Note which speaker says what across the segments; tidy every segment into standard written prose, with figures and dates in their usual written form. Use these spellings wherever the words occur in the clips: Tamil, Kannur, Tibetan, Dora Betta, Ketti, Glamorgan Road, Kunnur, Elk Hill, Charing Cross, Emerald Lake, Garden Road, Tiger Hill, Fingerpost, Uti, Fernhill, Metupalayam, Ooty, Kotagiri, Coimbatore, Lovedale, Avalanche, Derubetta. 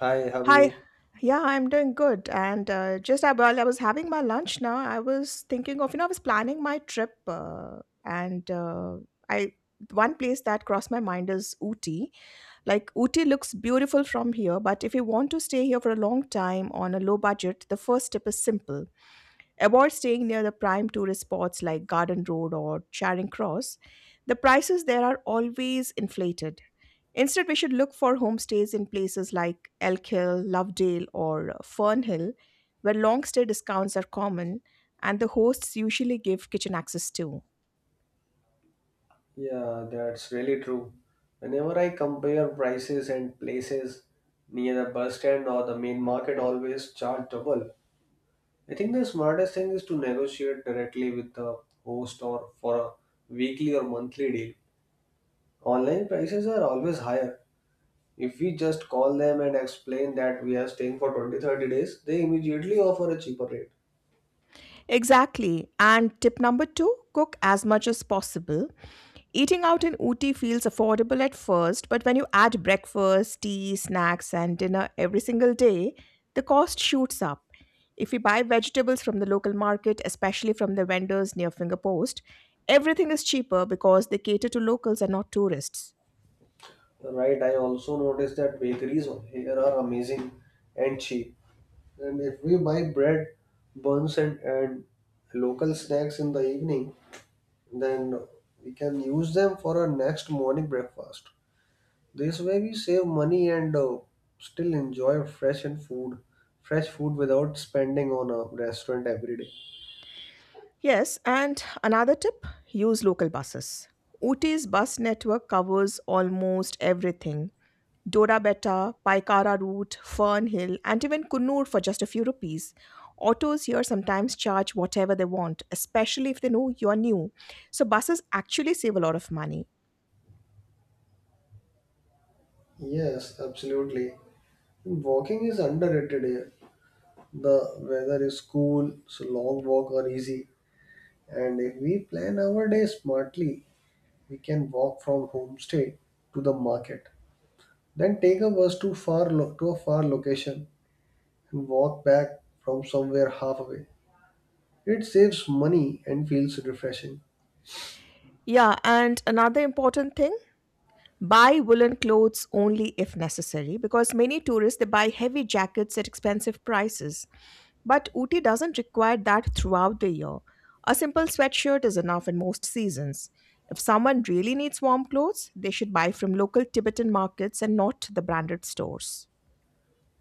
Speaker 1: Hi, how are
Speaker 2: Hi.
Speaker 1: you?
Speaker 2: Yeah, I'm doing good. And just while I was having my lunch now, I was thinking of, I was planning my trip. And uh, I, One place that crossed my mind is Ooty. Like, Ooty looks beautiful from here, but if you want to stay here for a long time on a low budget, the first tip is simple. Avoid staying near the prime tourist spots like Garden Road or Charing Cross. The prices there are always inflated. Instead, we should look for homestays in places like Elk Hill, Lovedale, or Fernhill, where long stay discounts are common and the hosts usually give kitchen access too.
Speaker 1: Yeah, that's really true. Whenever I compare prices and places near the bus stand or the main market always charge double. I think the smartest thing is to negotiate directly with the host or for a weekly or monthly deal. Online prices are always higher. If we just call them and explain that we are staying for 20-30 days, they immediately offer a cheaper rate.
Speaker 2: Exactly. And tip number two, cook as much as possible. Eating out in Ooty feels affordable at first, but when you add breakfast, tea, snacks, and dinner every single day, the cost shoots up. If you buy vegetables from the local market, especially from the vendors near Fingerpost, everything is cheaper because they cater to locals and not tourists.
Speaker 1: Right, I also noticed that bakeries here are amazing and cheap. And if we buy bread, buns, and local snacks in the evening, then we can use them for our next morning breakfast. This way, we save money and still enjoy fresh food without spending on a restaurant every day.
Speaker 2: Yes, and another tip, use local buses. Ooty's bus network covers almost everything: Dora Betta, Paikara Route, Fernhill, and even Kunnur for just a few rupees. Autos here sometimes charge whatever they want, especially if they know you're new. So buses actually save a lot of money.
Speaker 1: Yes, absolutely. Walking is underrated here. The weather is cool, so long walk are easy. And if we plan our day smartly, we can walk from homestay to the market. Then take a bus to to a far location and walk back from somewhere halfway. It saves money and feels refreshing.
Speaker 2: Yeah, and another important thing, buy woolen clothes only if necessary, because many tourists they buy heavy jackets at expensive prices. But Ooty doesn't require that throughout the year. A simple sweatshirt is enough in most seasons. If someone really needs warm clothes, they should buy from local Tibetan markets and not the branded stores.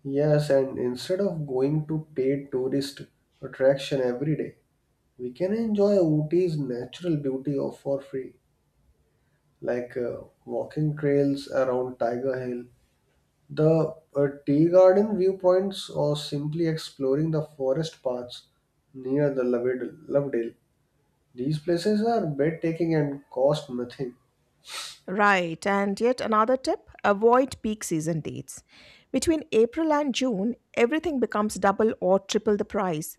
Speaker 1: Yes, and instead of going to paid tourist attraction every day, we can enjoy Ooty's natural beauty of for free, like walking trails around Tiger Hill, the tea garden viewpoints, or simply exploring the forest paths near the Lovedale. These places are breathtaking and cost nothing.
Speaker 2: Right, and yet another tip, avoid peak season dates. Between April and June, everything becomes double or triple the price.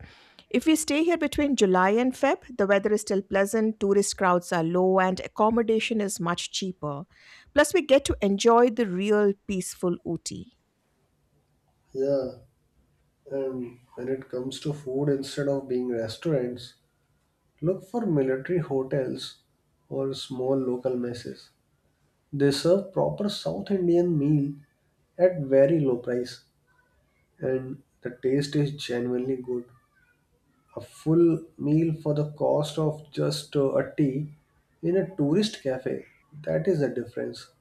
Speaker 2: If we stay here between July and Feb, the weather is still pleasant, tourist crowds are low, and accommodation is much cheaper. Plus, we get to enjoy the real peaceful Ooty.
Speaker 1: Yeah, and when it comes to food, instead of being restaurants, look for military hotels or small local messes. They serve proper South Indian meal at very low price, and the taste is genuinely good. A full meal for the cost of just a tea in a tourist cafe. That is the difference.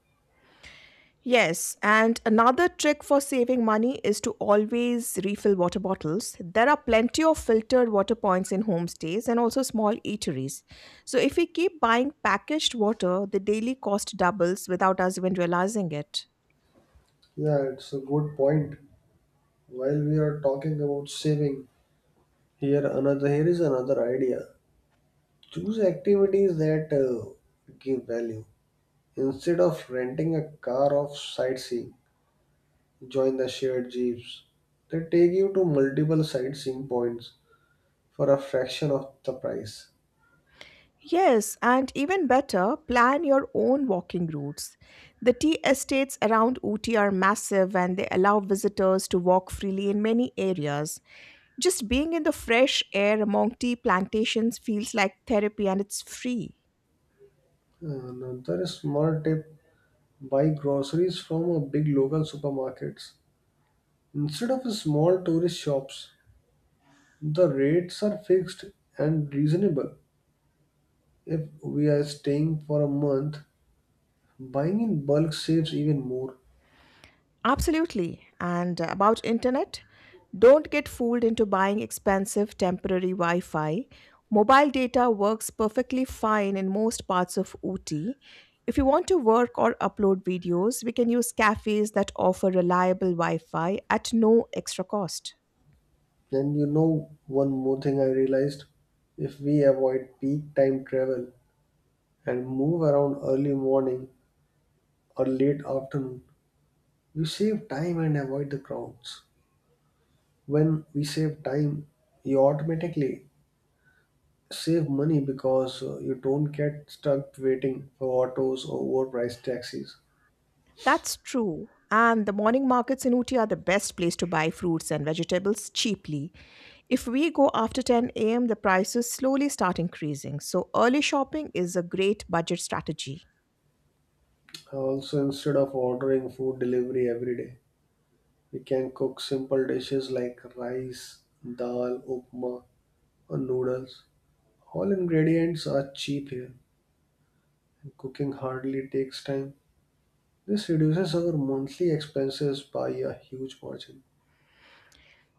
Speaker 2: Yes, and another trick for saving money is to always refill water bottles. There are plenty of filtered water points in homestays and also small eateries. So, if we keep buying packaged water, the daily cost doubles without us even realizing it.
Speaker 1: Yeah, it's a good point. While we are talking about saving, Here is another idea. Choose activities that give value. Instead of renting a car of sightseeing, join the shared jeeps. They take you to multiple sightseeing points for a fraction of the price.
Speaker 2: Yes, and even better, plan your own walking routes. The tea estates around Uti are massive and they allow visitors to walk freely in many areas. Just being in the fresh air among tea plantations feels like therapy and it's free.
Speaker 1: Another small tip: buy groceries from a big local supermarkets instead of small tourist shops. The rates are fixed and reasonable. If we are staying for a month, buying in bulk saves even more.
Speaker 2: Absolutely. And about internet, don't get fooled into buying expensive temporary Wi Fi. Mobile data works perfectly fine in most parts of OT. If you want to work or upload videos, we can use cafes that offer reliable Wi Fi at no extra cost.
Speaker 1: And one more thing I realized, if we avoid peak time travel and move around early morning or late afternoon, we save time and avoid the crowds. When we save time, you automatically save money because you don't get stuck waiting for autos or overpriced taxis.
Speaker 2: That's true. And the morning markets in Uti are the best place to buy fruits and vegetables cheaply. If we go after 10 a.m., the prices slowly start increasing. So early shopping is a great budget strategy.
Speaker 1: Also, instead of ordering food delivery every day, we can cook simple dishes like rice, dal, upma, or noodles. All ingredients are cheap here, and cooking hardly takes time. This reduces our monthly expenses by a huge margin,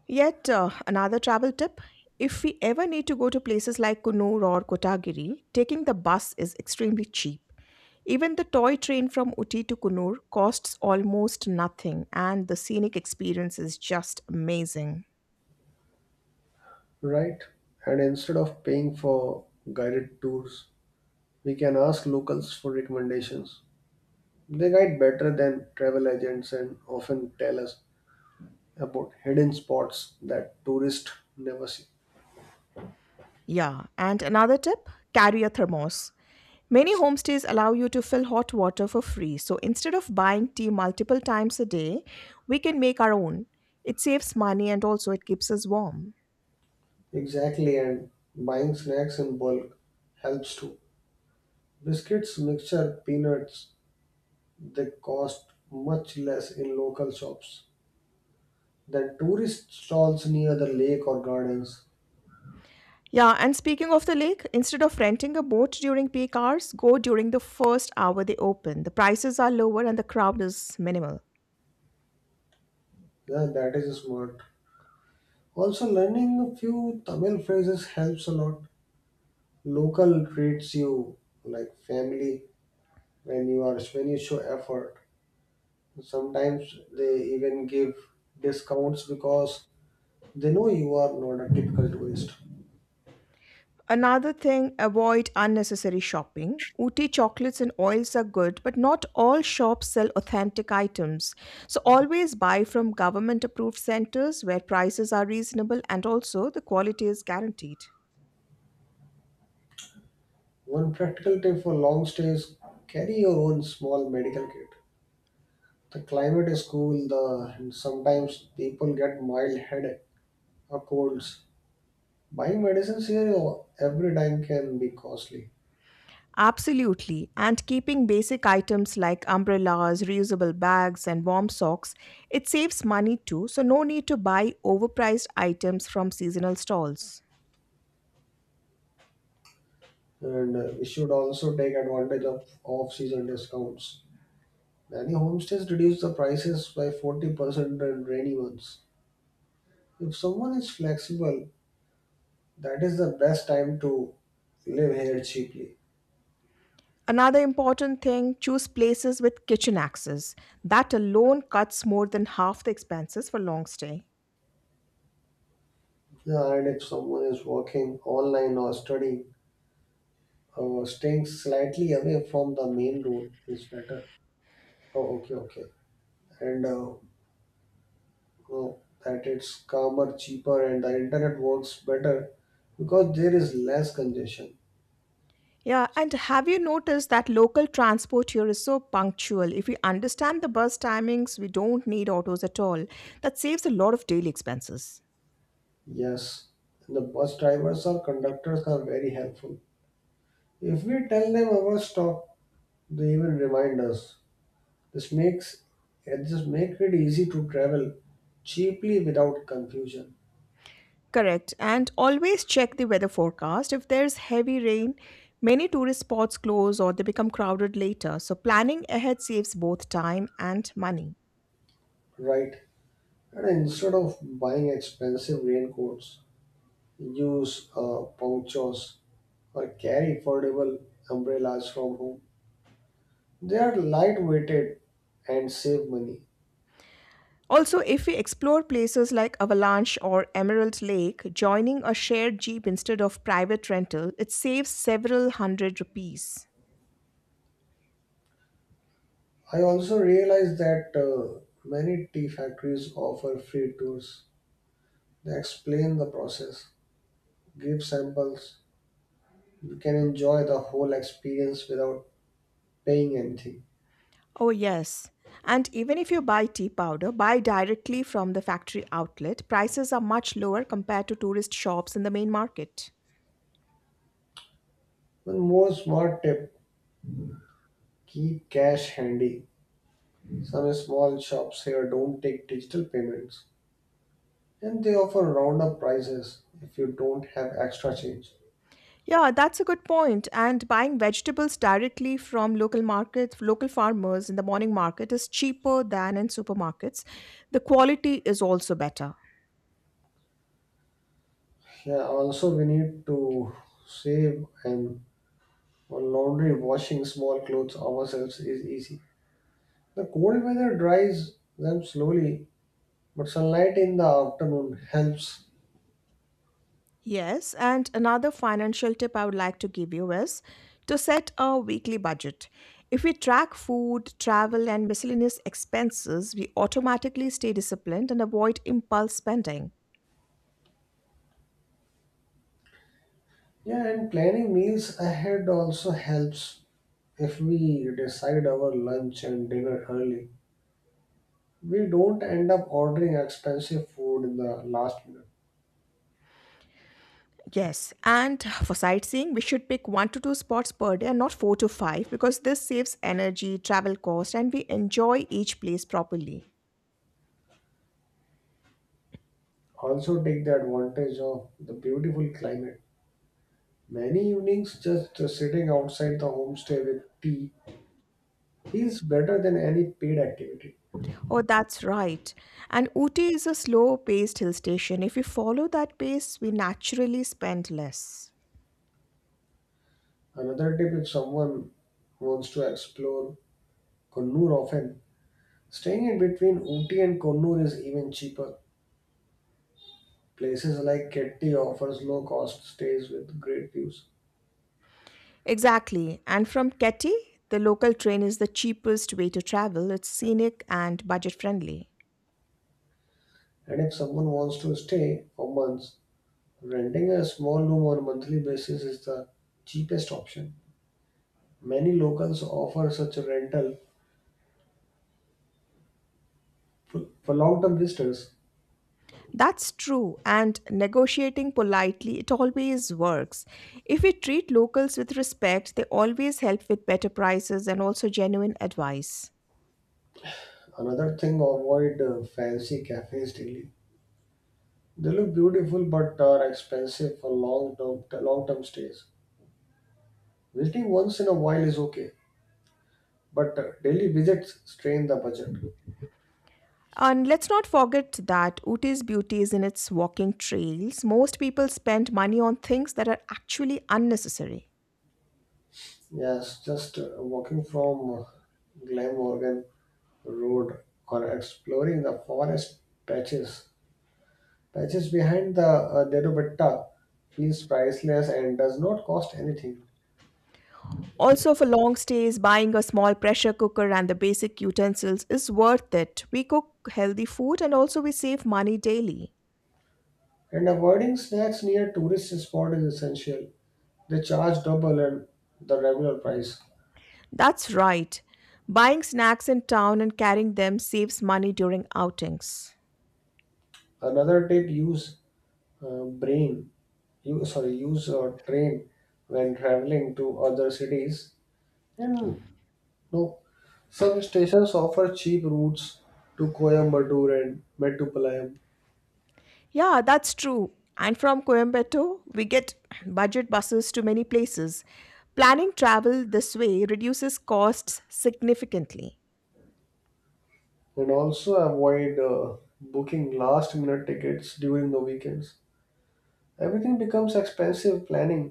Speaker 2: Another travel tip: if we ever need to go to places like Kunur or Kotagiri, taking the bus is extremely cheap. Even the toy train from Uti to Kunur costs almost nothing, and the scenic experience is just amazing.
Speaker 1: right? And instead of paying for guided tours, we can ask locals for recommendations. They guide better than travel agents and often tell us about hidden spots that tourists never see.
Speaker 2: Yeah, and another tip, carry a thermos. Many homestays allow you to fill hot water for free, so instead of buying tea multiple times a day, we can make our own. It saves money and also it keeps us warm.
Speaker 1: Exactly, and buying snacks in bulk helps too. Biscuits, mixture, peanuts. They cost much less in local shops than tourist stalls near the lake or gardens.
Speaker 2: Yeah, and speaking of the lake, instead of renting a boat during peak hours, go during the first hour they open. The prices are lower and the crowd is minimal.
Speaker 1: Yeah, that is smart. Also, learning a few Tamil phrases helps a lot. Local treats you like family when you show effort. Sometimes they even give discounts because they know you are not a typical tourist.
Speaker 2: Another thing, avoid unnecessary shopping. Ooty chocolates and oils are good, but not all shops sell authentic items. So always buy from government approved centers where prices are reasonable and also the quality is guaranteed.
Speaker 1: One practical tip for long stays: carry your own small medical kit. The climate is cool, the and sometimes people get mild headache or colds. Buying medicines here every time can be costly,
Speaker 2: Absolutely. And keeping basic items like umbrellas, reusable bags, and warm socks, it saves money too, so no need to buy overpriced items from seasonal stalls.
Speaker 1: and we should also take advantage of off-season discounts. Many homestays reduce the prices by 40% in rainy months. If someone is flexible, that is the best time to live here cheaply.
Speaker 2: Another important thing, choose places with kitchen access. That alone cuts more than half the expenses for long stay.
Speaker 1: Yeah, and if someone is working online or studying, staying slightly away from the main road is better. Oh, okay, okay. And oh, that it's calmer, cheaper, and the internet works better because there is less congestion.
Speaker 2: Yeah, and have you noticed that local transport here is so punctual? If we understand the bus timings, we don't need autos at all. That saves a lot of daily expenses.
Speaker 1: Yes, and the bus drivers or conductors are very helpful. If we tell them our stop, they will remind us. This make it easy to travel cheaply without confusion,
Speaker 2: Correct. And always check the weather forecast. If there's heavy rain, many tourist spots close or they become crowded later. So planning ahead saves both time and money.
Speaker 1: right? And instead of buying expensive raincoats, use ponchos or carry affordable umbrellas from home. They are light weighted and save money.
Speaker 2: Also, if we explore places like Avalanche or Emerald Lake, joining a shared jeep instead of private rental, it saves several hundred rupees.
Speaker 1: I also realized that many tea factories offer free tours. They explain the process, give samples. You can enjoy the whole experience without paying anything.
Speaker 2: Oh, yes. And even if you buy tea powder, buy directly from the factory outlet. Prices are much lower compared to tourist shops in the main market.
Speaker 1: One more smart tip: keep cash handy. Some small shops here don't take digital payments and they offer roundup prices if you don't have extra change.
Speaker 2: Yeah, that's a good point. And buying vegetables directly from local markets, local farmers in the morning market is cheaper than in supermarkets. The quality is also better.
Speaker 1: Yeah, also, we need to save and Well, laundry, washing small clothes ourselves is easy. The cold weather dries them slowly, but sunlight in the afternoon helps.
Speaker 2: Yes, and another financial tip I would like to give you is to set a weekly budget. If we track food, travel, and miscellaneous expenses, we automatically stay disciplined and avoid impulse spending.
Speaker 1: Yeah, and planning meals ahead also helps. If we decide our lunch and dinner early, we don't end up ordering expensive food in the last minute.
Speaker 2: Yes, and for sightseeing, we should pick one to two spots per day and not four to five, because this saves energy, travel cost, and we enjoy each place properly.
Speaker 1: Also, take the advantage of the beautiful climate. Many evenings just sitting outside the homestay with tea feels better than any paid activity.
Speaker 2: Oh, that's right. And Uti is a slow paced hill station. If we follow that pace, we naturally spend less.
Speaker 1: Another tip: if someone wants to explore Kannur often, staying in between Ooty and Kannur is even cheaper. Places like Ketti offers low cost stays with great views.
Speaker 2: Exactly. And from Keti, the local train is the cheapest way to travel. It's scenic and budget friendly.
Speaker 1: And if someone wants to stay for months, renting a small room on a monthly basis is the cheapest option. Many locals offer such a rental for long term visitors.
Speaker 2: That's true, and negotiating politely, it always works. If we treat locals with respect, they always help with better prices and also genuine advice.
Speaker 1: Another thing, avoid fancy cafes daily. They look beautiful but are expensive for long term stays. Visiting once in a while is okay, but daily visits strain the budget.
Speaker 2: And let's not forget that Uti's beauty is in its walking trails. Most people spend money on things that are actually unnecessary.
Speaker 1: Yes, just walking from Glamorgan Road or exploring the forest patches. patches behind the Derubetta feels priceless and does not cost anything.
Speaker 2: Also, for long stays, buying a small pressure cooker and the basic utensils is worth it. We cook healthy food and also we save money daily.
Speaker 1: And avoiding snacks near tourist spot is essential. They charge double and the regular price.
Speaker 2: That's right. Buying snacks in town and carrying them saves money during outings.
Speaker 1: Another tip: use brain you sorry use a train when traveling to other cities and no, some stations offer cheap routes to Coimbatore and Metupalayam.
Speaker 2: Yeah, that's true. And from Coimbatore, we get budget buses to many places. Planning travel this way reduces costs significantly.
Speaker 1: And also avoid booking last minute tickets during the weekends. Everything becomes expensive. Planning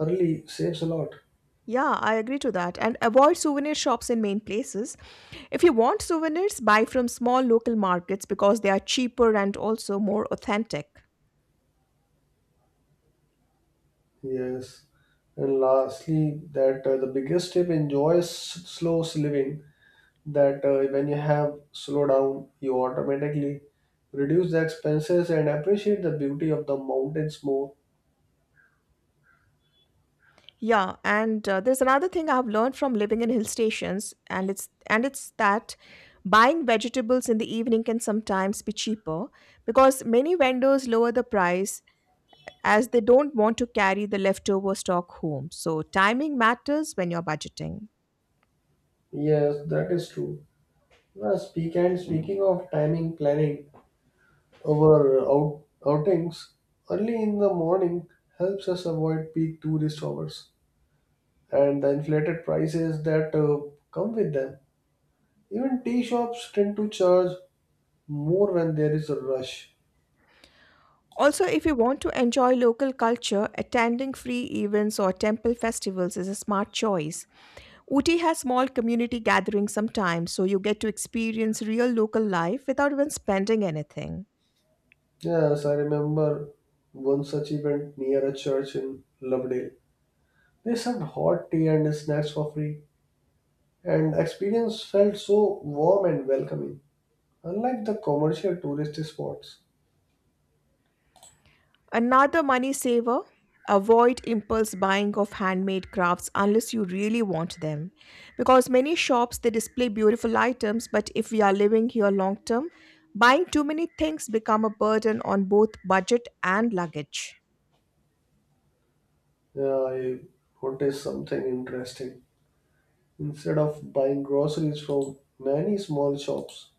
Speaker 1: early saves a lot.
Speaker 2: Yeah, I agree to that. And avoid souvenir shops in main places. If you want souvenirs, buy from small local markets because they are cheaper and also more authentic.
Speaker 1: Yes, and lastly, that the biggest tip: enjoy slow living. That when you have slow down, you automatically reduce the expenses and appreciate the beauty of the mountains more.
Speaker 2: Yeah, and there's another thing I've learned from living in hill stations, and it's that buying vegetables in the evening can sometimes be cheaper, because many vendors lower the price as they don't want to carry the leftover stock home. So timing matters when you're budgeting.
Speaker 1: Yes, that is true. Speaking of timing planning, our outings early in the morning helps us avoid peak tourist hours and the inflated prices that come with them. Even tea shops tend to charge more when there is a rush.
Speaker 2: Also, if you want to enjoy local culture, attending free events or temple festivals is a smart choice. Uti has small community gatherings sometimes, so you get to experience real local life without even spending anything.
Speaker 1: Yes, I remember one such event near a church in Lovedale. They served hot tea and snacks for free, and the experience felt so warm and welcoming, unlike the commercial tourist spots.
Speaker 2: Another money saver: avoid impulse buying of handmade crafts unless you really want them, because many shops they display beautiful items, but if we are living here long term, buying too many things become a burden on both budget and luggage.
Speaker 1: Yeah, I noticed something interesting. Instead of buying groceries from many small shops,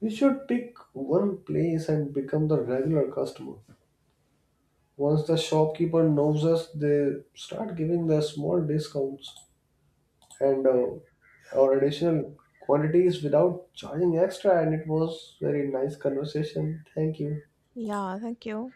Speaker 1: we should pick one place and become the regular customer. Once the shopkeeper knows us, they start giving the small discounts. And or additional quantities without charging extra. And it was very nice conversation. Thank you.
Speaker 2: Yeah, thank you.